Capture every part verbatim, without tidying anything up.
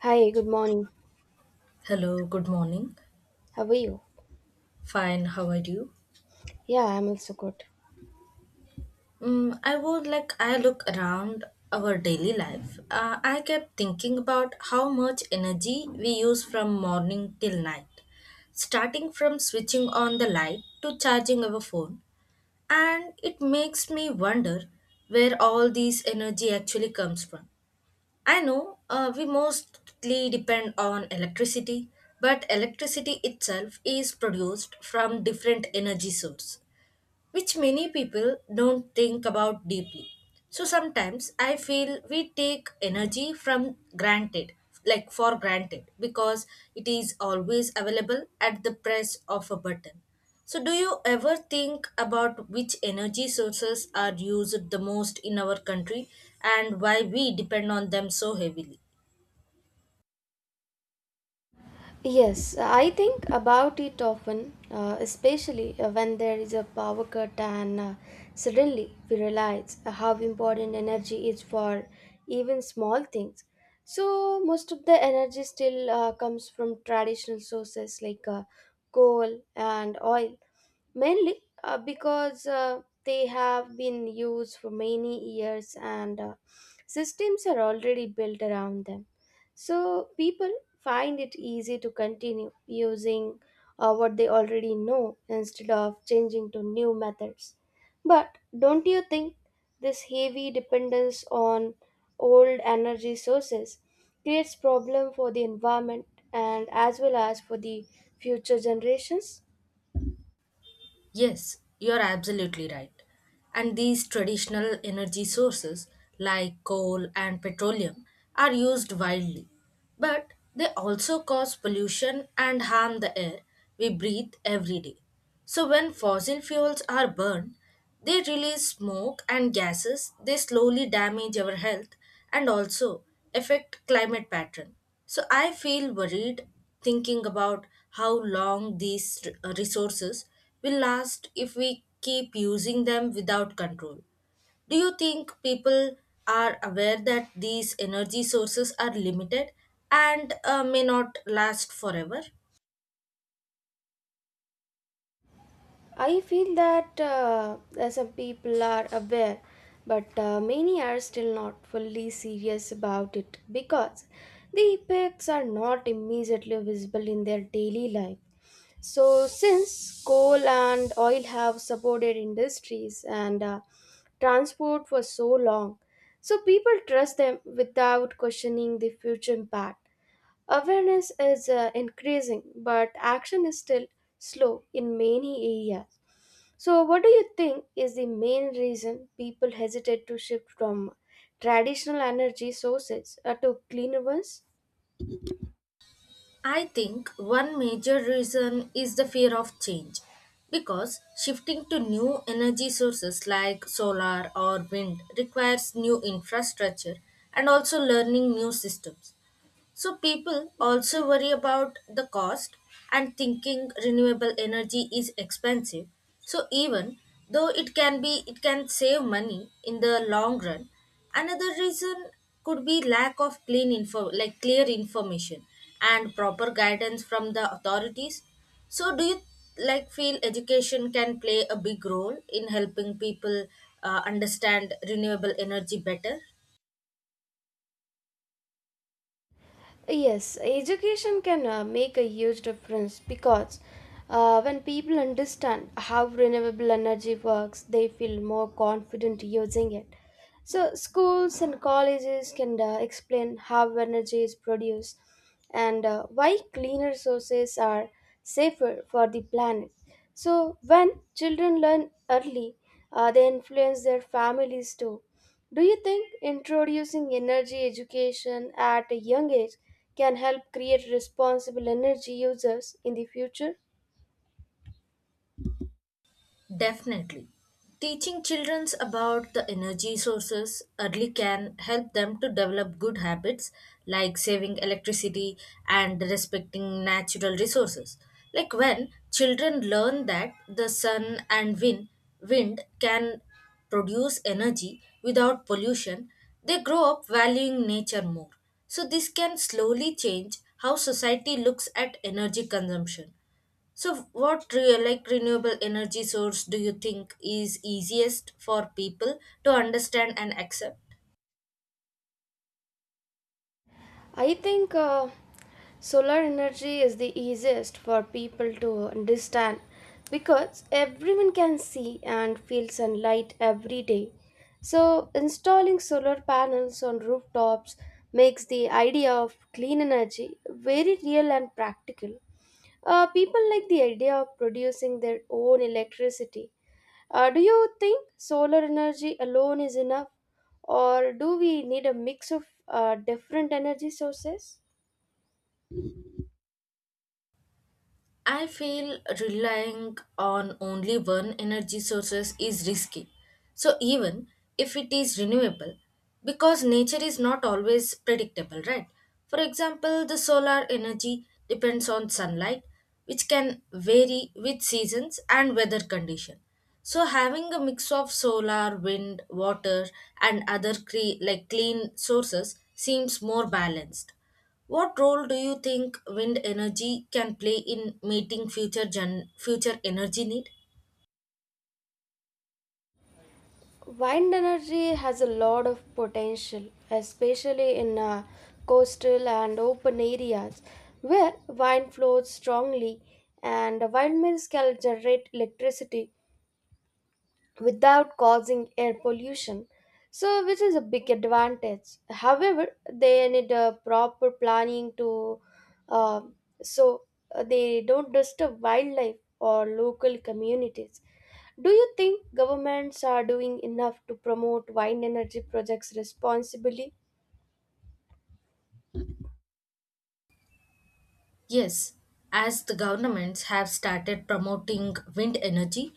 Hi, good morning. Hello, good morning. How are you? Fine, how are you? Yeah, I'm also good. Mm, I would like I look around our daily life. Uh, I kept thinking about how much energy we use from morning till night, starting from switching on the light to charging our phone, and it makes me wonder where all this energy actually comes from. I know uh, we mostly depend on electricity, but electricity itself is produced from different energy source which many people don't think about deeply. So sometimes I feel we take energy from granted, like for granted, because it is always available at the press of a button. So, do you ever think about which energy sources are used the most in our country and why we depend on them so heavily? Yes, I think about it often, uh, especially uh, when there is a power cut and uh, suddenly we realize how important energy is for even small things. So, most of the energy still uh, comes from traditional sources like uh, coal and oil. Mainly uh, because uh, they have been used for many years and uh, systems are already built around them. So people find it easy to continue using uh, what they already know instead of changing to new methods. But don't you think this heavy dependence on old energy sources creates problem for the environment and as well as for the future generations? Yes, you're absolutely right. And these traditional energy sources like coal and petroleum are used widely, but they also cause pollution and harm the air we breathe every day. So, when fossil fuels are burned, they release smoke and gases. They slowly damage our health and also affect climate pattern. So I feel worried thinking about how long these r- resources will last if we keep using them without control. Do you think people are aware that these energy sources are limited and uh, may not last forever? I feel that uh, some people are aware, but uh, many are still not fully serious about it because the effects are not immediately visible in their daily life. So, since coal and oil have supported industries and uh, transport for so long, so people trust them without questioning the future impact. Awareness is uh, increasing, but action is still slow in many areas. So, what do you think is the main reason people hesitate to shift from traditional energy sources uh, to cleaner ones? I think one major reason is the fear of change because shifting to new energy sources like solar or wind requires new infrastructure and also learning new systems. So people also worry about the cost and thinking renewable energy is expensive. So even though it can be it can save money in the long run, another reason could be lack of clean info like clear information and proper guidance from the authorities. So do you like feel education can play a big role in helping people uh, understand renewable energy better? Yes, education can uh, make a huge difference because uh, when people understand how renewable energy works, they feel more confident using it. So, schools and colleges can uh, explain how energy is produced and uh, why cleaner sources are safer for the planet. So, when children learn early, uh, they influence their families too. Do you think introducing energy education at a young age can help create responsible energy users in the future? Definitely. Teaching children about the energy sources early can help them to develop good habits like saving electricity and respecting natural resources. Like when children learn that the sun and wind, wind can produce energy without pollution, they grow up valuing nature more. So, this can slowly change how society looks at energy consumption. So, what real like renewable energy source do you think is easiest for people to understand and accept? I think uh, solar energy is the easiest for people to understand because everyone can see and feel sunlight every day. So, installing solar panels on rooftops makes the idea of clean energy very real and practical. Uh, people like the idea of producing their own electricity. Uh, do you think solar energy alone is enough, or do we need a mix of uh, different energy sources? I feel relying on only one energy sources is risky. So even if it is renewable, because nature is not always predictable, right? For example, the solar energy depends on sunlight, which can vary with seasons and weather condition. So having a mix of solar, wind, water, and other cre- like clean sources seems more balanced. What role do you think wind energy can play in meeting future gen- future energy need? Wind energy has a lot of potential, especially in uh, coastal and open areas where wind flows strongly and windmills can generate electricity without causing air pollution, so which is a big advantage. However, they need a proper planning to uh, so uh, they don't disturb wildlife or local communities. Do you think governments are doing enough to promote wind energy projects responsibly? Yes, as the governments have started promoting wind energy,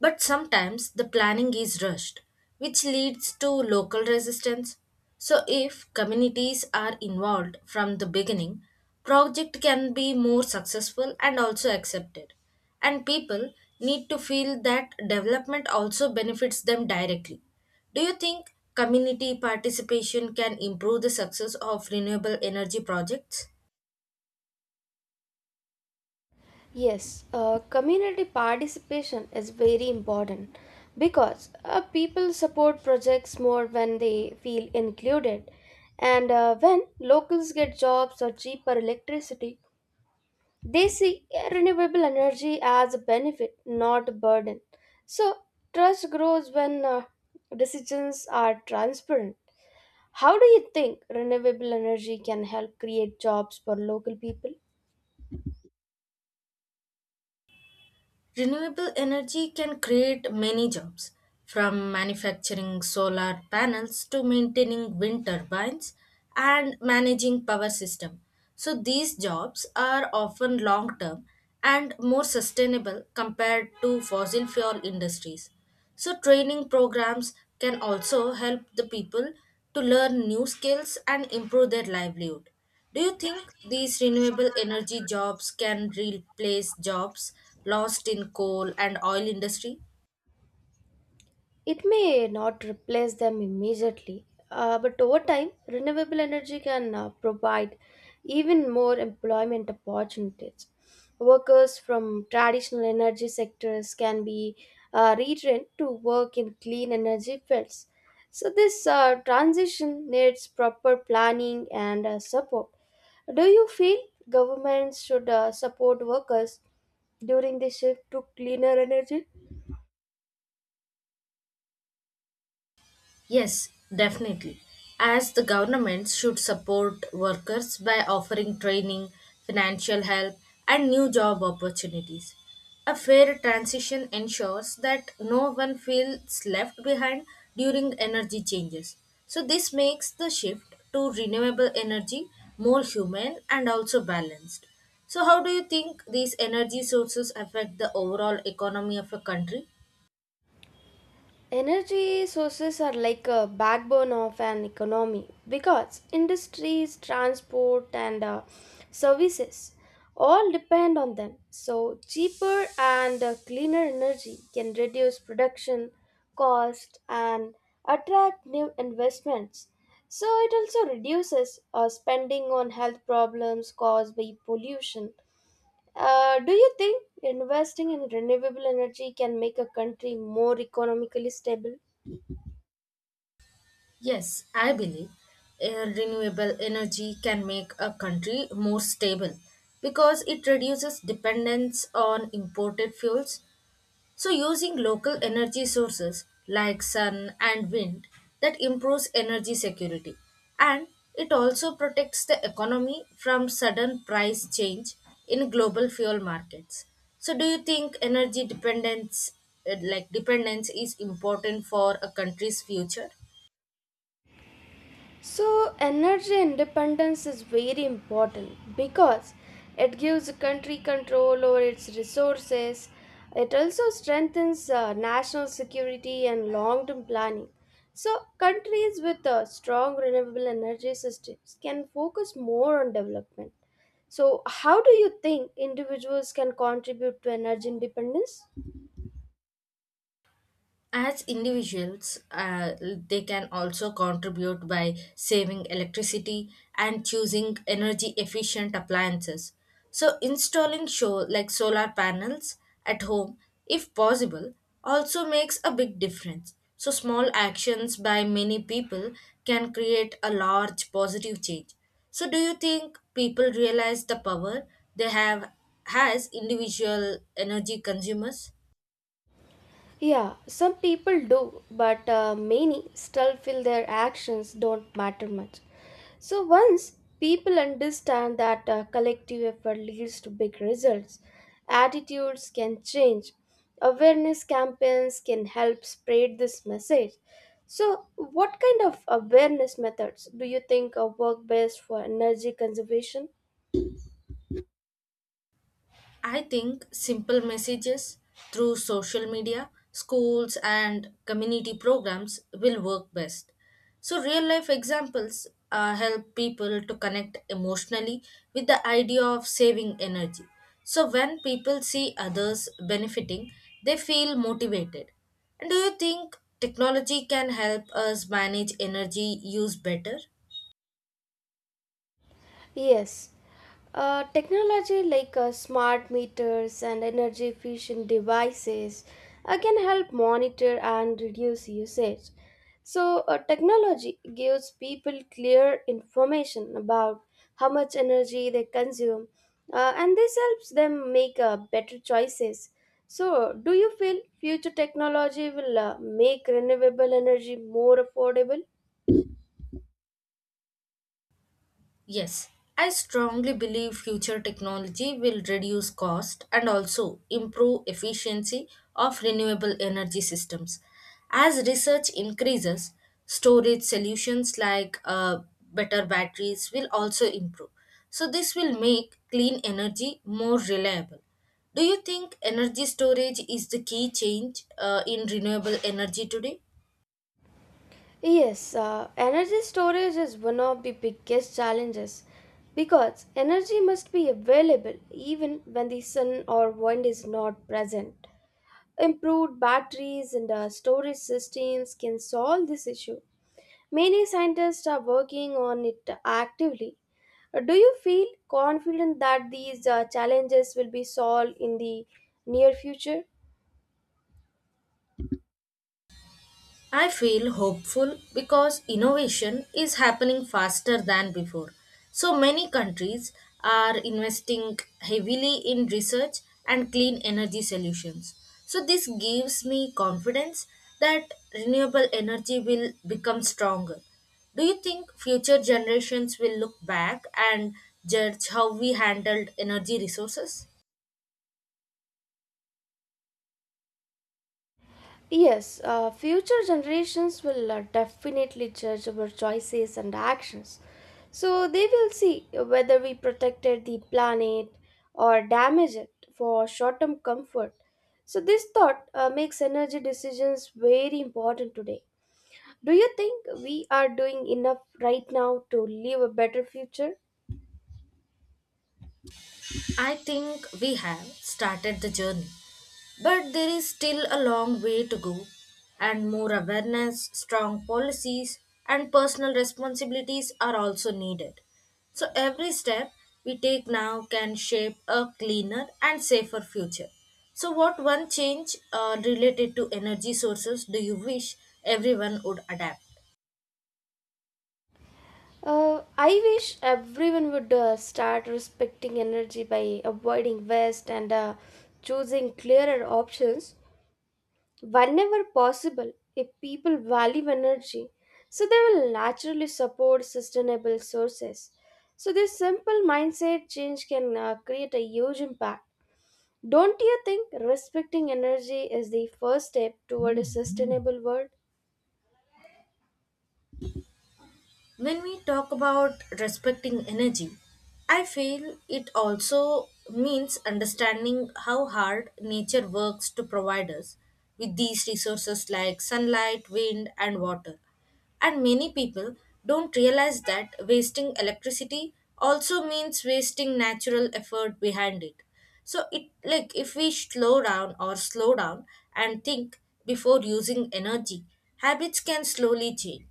but sometimes the planning is rushed, which leads to local resistance. So, if communities are involved from the beginning, project can be more successful and also accepted. And people need to feel that development also benefits them directly. Do you think community participation can improve the success of renewable energy projects? Yes, uh, community participation is very important because uh, people support projects more when they feel included. And uh, when locals get jobs or cheaper electricity, they see uh, renewable energy as a benefit, not a burden. So, trust grows when uh, decisions are transparent. How do you think renewable energy can help create jobs for local people? Renewable energy can create many jobs, from manufacturing solar panels to maintaining wind turbines and managing power system. So these jobs are often long term and more sustainable compared to fossil fuel industries. So training programs can also help the people to learn new skills and improve their livelihood. Do you think these renewable energy jobs can replace jobs lost in coal and oil industry? It may not replace them immediately, uh, but over time, renewable energy can uh, provide even more employment opportunities. Workers from traditional energy sectors can be uh, retrained to work in clean energy fields. So, this uh, transition needs proper planning and uh, support. Do you feel governments should uh, support workers during the shift to cleaner energy? Yes, definitely. As the governments should support workers by offering training, financial help, and new job opportunities. A fair transition ensures that no one feels left behind during energy changes. So, this makes the shift to renewable energy more human and also balanced. So, how do you think these energy sources affect the overall economy of a country? Energy sources are like a backbone of an economy because industries, transport, and uh, services all depend on them. So, cheaper and uh, cleaner energy can reduce production cost and attract new investments. So, it also reduces uh, spending on health problems caused by pollution. Uh, do you think investing in renewable energy can make a country more economically stable? Yes, I believe uh, renewable energy can make a country more stable because it reduces dependence on imported fuels. So, using local energy sources like sun and wind that improves energy security and it also protects the economy from sudden price change in global fuel markets. So, do you think energy dependence, uh, like dependence, is important for a country's future? So, energy independence is very important because it gives a country control over its resources. It also strengthens uh, national security and long term planning. So, countries with uh, strong renewable energy systems can focus more on development. So, how do you think individuals can contribute to energy independence? As individuals, uh, they can also contribute by saving electricity and choosing energy efficient appliances. So, installing show like solar panels at home, if possible, also makes a big difference. So, small actions by many people can create a large positive change. So, do you think people realize the power they have as individual energy consumers? Yeah, some people do, but uh, many still feel their actions don't matter much. So once people understand that uh, collective effort leads to big results, attitudes can change. Awareness campaigns can help spread this message. So, what kind of awareness methods do you think uh, work best for energy conservation? I think simple messages through social media, schools, and community programs will work best. So, real life examples uh, help people to connect emotionally with the idea of saving energy. So, when people see others benefiting, they feel motivated. And do you think technology can help us manage energy use better? Yes, uh, technology like uh, smart meters and energy efficient devices uh, can help monitor and reduce usage. So, uh, technology gives people clear information about how much energy they consume, uh, and this helps them make uh, better choices. So, do you feel future technology will uh, make renewable energy more affordable? Yes, I strongly believe future technology will reduce cost and also improve efficiency of renewable energy systems. As research increases, storage solutions like uh, better batteries will also improve. So, this will make clean energy more reliable. Do you think energy storage is the key change uh, in renewable energy today? Yes, uh, energy storage is one of the biggest challenges because energy must be available even when the sun or wind is not present. Improved batteries and uh, storage systems can solve this issue. Many scientists are working on it actively. Uh, Do you feel confident that these uh, challenges will be solved in the near future? I feel hopeful because innovation is happening faster than before. So many countries are investing heavily in research and clean energy solutions. So this gives me confidence that renewable energy will become stronger. Do you think future generations will look back and judge how we handled energy resources? Yes, uh, future generations will uh, definitely judge our choices and actions. So they will see whether we protected the planet or damaged it for short term comfort. So this thought uh, makes energy decisions very important today. Do you think we are doing enough right now to leave a better future? I think we have started the journey, but there is still a long way to go, and more awareness, strong policies, and personal responsibilities are also needed. So, every step we take now can shape a cleaner and safer future. So, what one change uh, related to energy sources do you wish everyone would adapt? Uh, I wish everyone would uh, start respecting energy by avoiding waste and uh, choosing clearer options whenever possible. If people value energy, so they will naturally support sustainable sources. So, this simple mindset change can uh, create a huge impact. Don't you think respecting energy is the first step toward a sustainable world? When we talk about respecting energy, I feel it also means understanding how hard nature works to provide us with these resources like sunlight, wind, and water. And many people don't realize that wasting electricity also means wasting natural effort behind it. So it like if we slow down or slow down and think before using energy, habits can slowly change.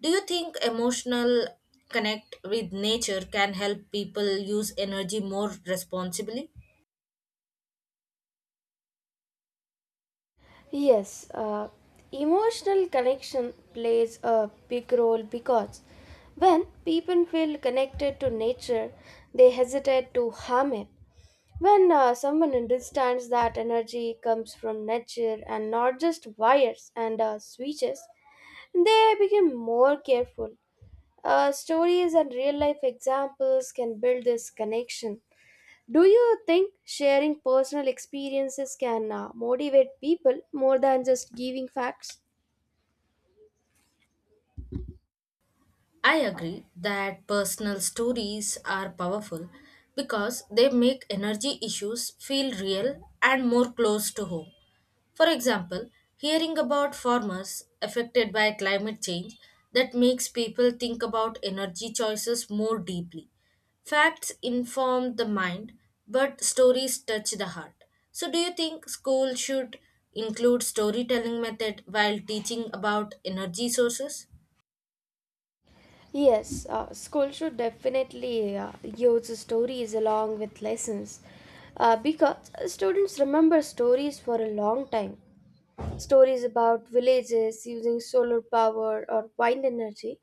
Do you think emotional connect with nature can help people use energy more responsibly? Yes, uh, emotional connection plays a big role because when people feel connected to nature, they hesitate to harm it. When uh, someone understands that energy comes from nature and not just wires and uh, switches, they become more careful. Uh, stories and real life examples can build this connection. Do you think sharing personal experiences can uh, motivate people more than just giving facts? I agree that personal stories are powerful because they make energy issues feel real and more close to home. For example, hearing about farmers affected by climate change that makes people think about energy choices more deeply. Facts inform the mind, but stories touch the heart. So, do you think school should include storytelling method while teaching about energy sources? Yes, uh, school should definitely uh, use stories along with lessons uh, because students remember stories for a long time. Stories about villages using solar power or wind energy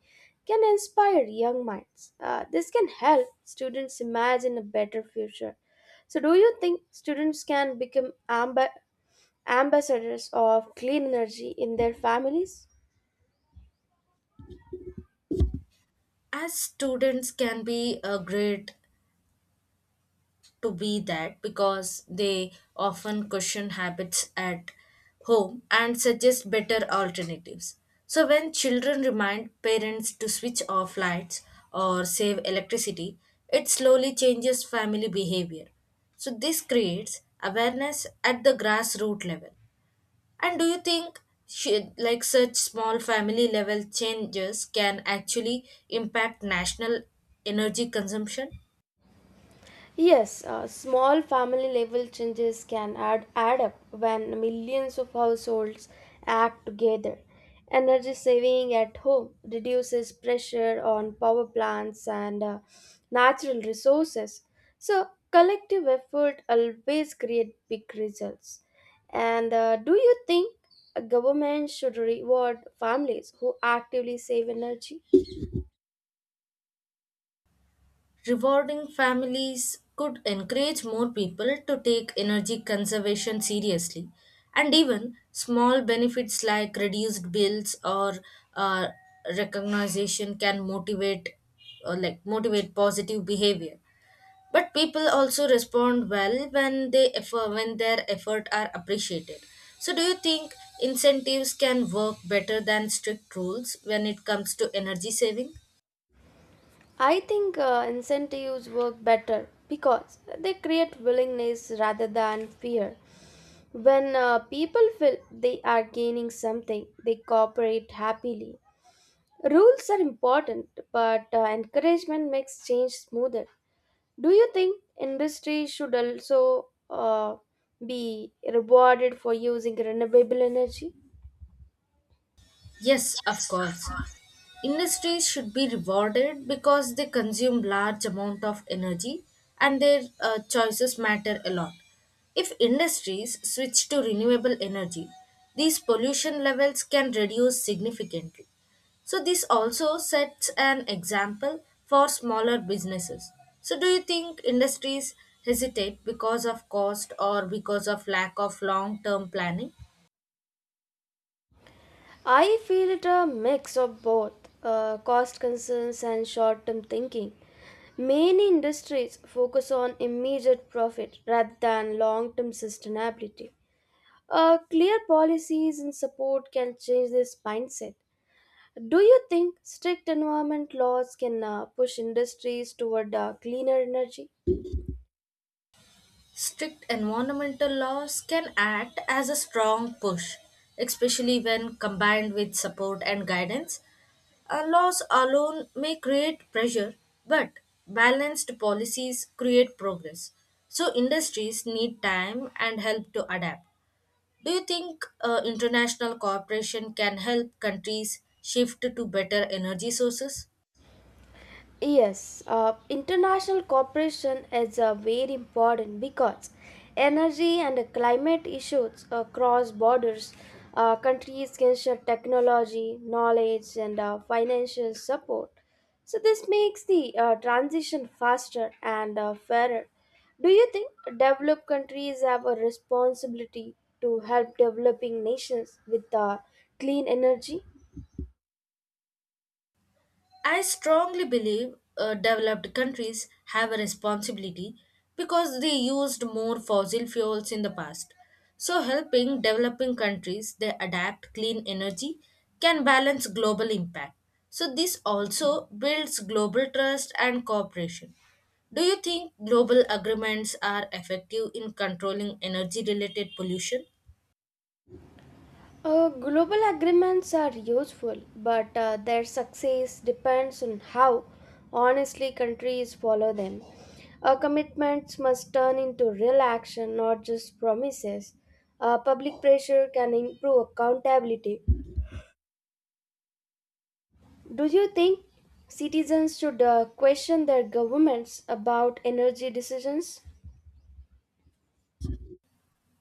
can inspire young minds. Uh, this can help students imagine a better future. So, do you think students can become amba- ambassadors of clean energy in their families? As students can be a great to be that because they often question habits at home and suggest better alternatives. So, when children remind parents to switch off lights or save electricity, it slowly changes family behavior. So, this creates awareness at the grassroots level. And do you think should, like such small family level changes can actually impact national energy consumption? Yes, uh, small family level changes can add, add up when millions of households act together. Energy saving at home reduces pressure on power plants and uh, natural resources. So, collective effort always create big results. And uh, do you think a government should reward families who actively save energy? Rewarding families could encourage more people to take energy conservation seriously, and even small benefits like reduced bills or uh, recognition can motivate or like motivate positive behavior. But people also respond well when they effort, when their effort are appreciated. So, do you think incentives can work better than strict rules when it comes to energy saving? I think uh, incentives work better because they create willingness rather than fear. When uh, people feel they are gaining something, they cooperate happily. Rules are important, but uh, encouragement makes change smoother. Do you think industry should also uh, be rewarded for using renewable energy? Yes, of course. Industries should be rewarded because they consume large amount of energy and their uh, choices matter a lot. If industries switch to renewable energy, these pollution levels can reduce significantly. So this also sets an example for smaller businesses. So do you think industries hesitate because of cost or because of lack of long-term planning? I feel it a mix of both uh, cost concerns and short term thinking. Many industries focus on immediate profit rather than long term sustainability. Uh, clear policies and support can change this mindset. Do you think strict environment laws can uh, push industries toward uh, cleaner energy? Strict environmental laws can act as a strong push, especially when combined with support and guidance. Uh, laws alone may create pressure, but balanced policies create progress. So, industries need time and help to adapt. Do you think uh, international cooperation can help countries shift to better energy sources? Yes, uh, international cooperation is uh, very important because energy and climate issues across borders, uh, countries can share technology, knowledge, and uh, financial support. So, this makes the uh, transition faster and uh, fairer. Do you think developed countries have a responsibility to help developing nations with uh, clean energy? I strongly believe uh, developed countries have a responsibility because they used more fossil fuels in the past. So, helping developing countries they adapt clean energy can balance global impact. So, this also builds global trust and cooperation. Do you think global agreements are effective in controlling energy related pollution? Uh, global agreements are useful, but uh, their success depends on how honestly countries follow them. Our commitments must turn into real action, not just promises. Uh, public pressure can improve accountability. Do you think citizens should uh, question their governments about energy decisions?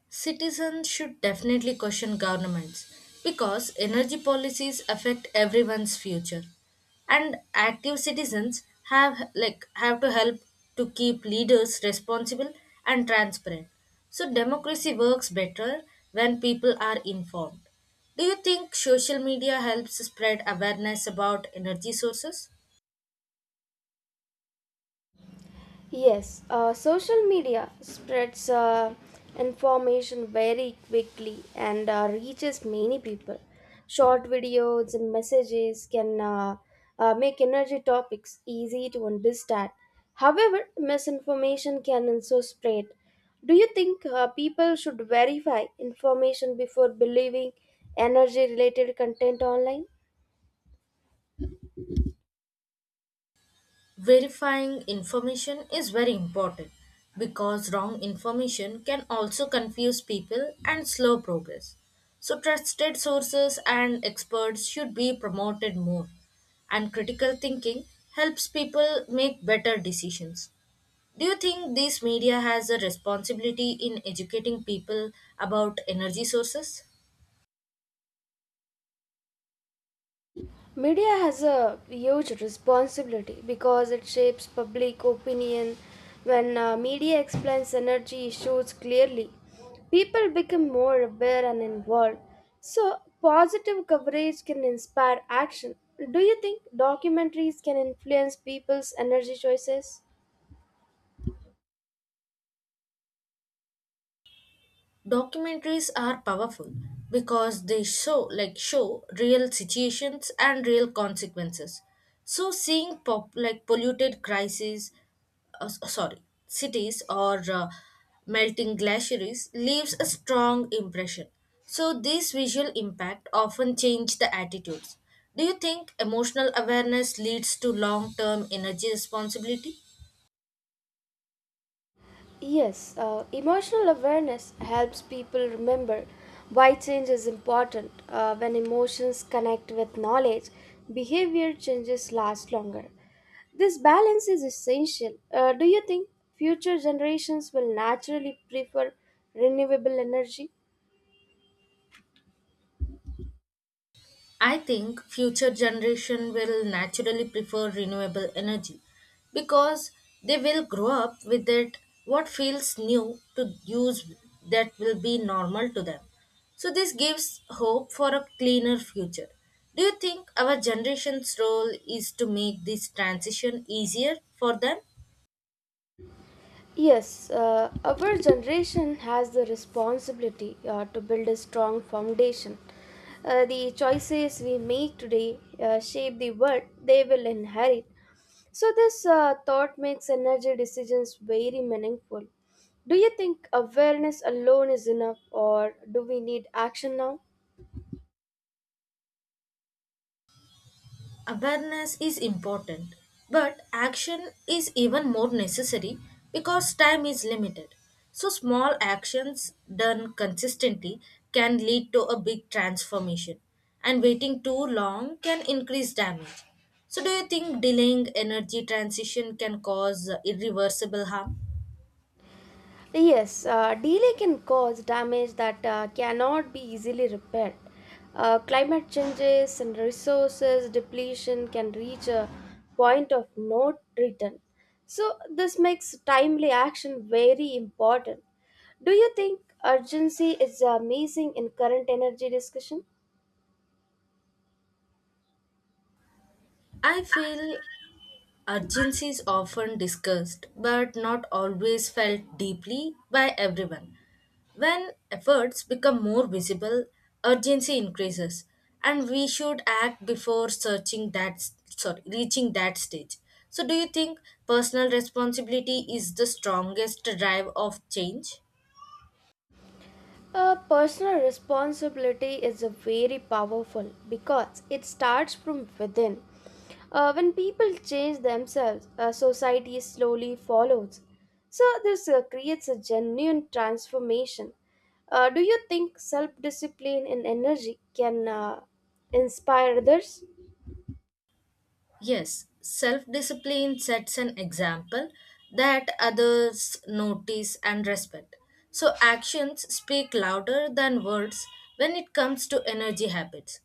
Citizens should definitely question governments because energy policies affect everyone's future. And active citizens have like have to help to keep leaders responsible and transparent. So democracy works better when people are informed. Do you think social media helps spread awareness about energy sources? Yes, uh, social media spreads uh, information very quickly and uh, reaches many people. Short videos and messages can uh, uh, make energy topics easy to understand. However, misinformation can also spread. Do you think uh, people should verify information before believing energy related content online? Verifying information is very important because wrong information can also confuse people and slow progress. So, trusted sources and experts should be promoted more, and critical thinking helps people make better decisions. Do you think this media has a responsibility in educating people about energy sources? Media has a huge responsibility because it shapes public opinion. When uh, media explains energy issues clearly, people become more aware and involved. So, positive coverage can inspire action. Do you think documentaries can influence people's energy choices? Documentaries are powerful because they show like show real situations and real consequences. So seeing pop, like polluted crises uh, s- sorry cities or uh, melting glaciers leaves a strong impression. So this visual impact often change the attitudes. Do you think emotional awareness leads to long term energy responsibility? Yes, uh, emotional awareness helps people remember why change is important. Uh, when emotions connect with knowledge, behavior changes last longer. This balance is essential. Uh, do you think future generations will naturally prefer renewable energy? I think future generation will naturally prefer renewable energy because they will grow up with it. What feels new to use, that will be normal to them. So this gives hope for a cleaner future. Do you think our generation's role is to make this transition easier for them? Yes, uh, our generation has the responsibility uh, to build a strong foundation. Uh, the choices we make today uh, shape the world they will inherit. So, this uh, thought makes energy decisions very meaningful. Do you think awareness alone is enough, or do we need action now? Awareness is important, but action is even more necessary because time is limited. So, small actions done consistently can lead to a big transformation, and waiting too long can increase damage. So, do you think delaying energy transition can cause uh, irreversible harm? Yes, uh, delay can cause damage that uh, cannot be easily repaired. Uh, climate changes and resources depletion can reach a point of no return. So, this makes timely action very important. Do you think urgency is uh, missing in current energy discussion? I feel urgency is often discussed but not always felt deeply by everyone. When efforts become more visible, urgency increases and we should act before searching that sorry, reaching that stage. So do you think personal responsibility is the strongest drive of change? Uh, personal responsibility is a very powerful because it starts from within. Uh, when people change themselves, uh, society slowly follows. So this uh, creates a genuine transformation. Uh, do you think self-discipline and energy can uh, inspire others? Yes, self discipline sets an example that others notice and respect. So, actions speak louder than words when it comes to energy habits,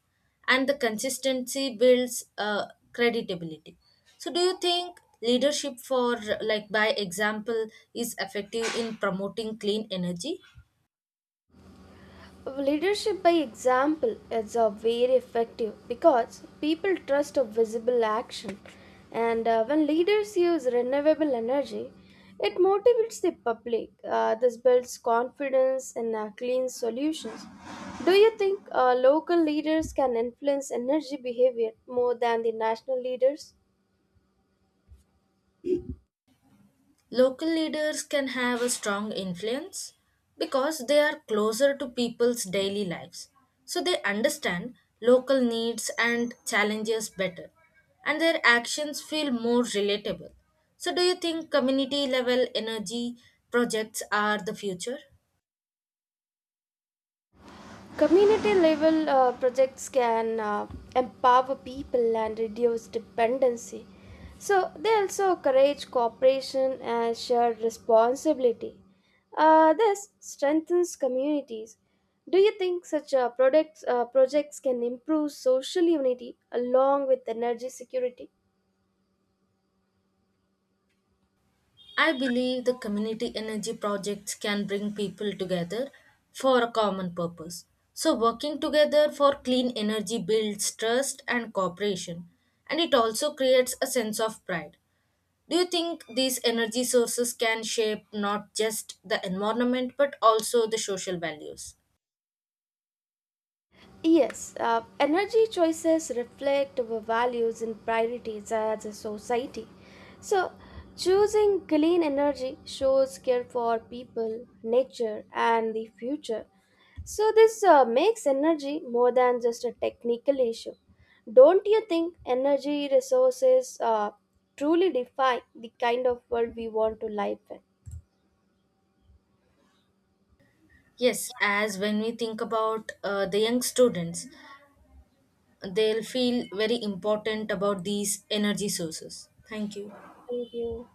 and the consistency builds uh, credibility. So, do you think leadership for like by example is effective in promoting clean energy? Leadership by example is a very effective because people trust a visible action, and uh, when leaders use renewable energy, it motivates the public. Uh, this builds confidence in uh, clean solutions. Do you think uh, local leaders can influence energy behavior more than the national leaders? Local leaders can have a strong influence because they are closer to people's daily lives. So they understand local needs and challenges better, and their actions feel more relatable. So, do you think community level energy projects are the future? Community level uh, projects can uh, empower people and reduce dependency. So they also encourage cooperation and shared responsibility. Uh, this strengthens communities. Do you think such uh, products, uh, projects can improve social unity along with energy security? I believe the community energy projects can bring people together for a common purpose. So, working together for clean energy builds trust and cooperation, and it also creates a sense of pride. Do you think these energy sources can shape not just the environment but also the social values? Yes, uh, energy choices reflect our values and priorities as a society. So, choosing clean energy shows care for people, nature, and the future. So, this uh, makes energy more than just a technical issue. Don't you think energy resources uh, truly define the kind of world we want to live in? Yes, as when we think about uh, the young students, they'll feel very important about these energy sources. Thank you. Thank you.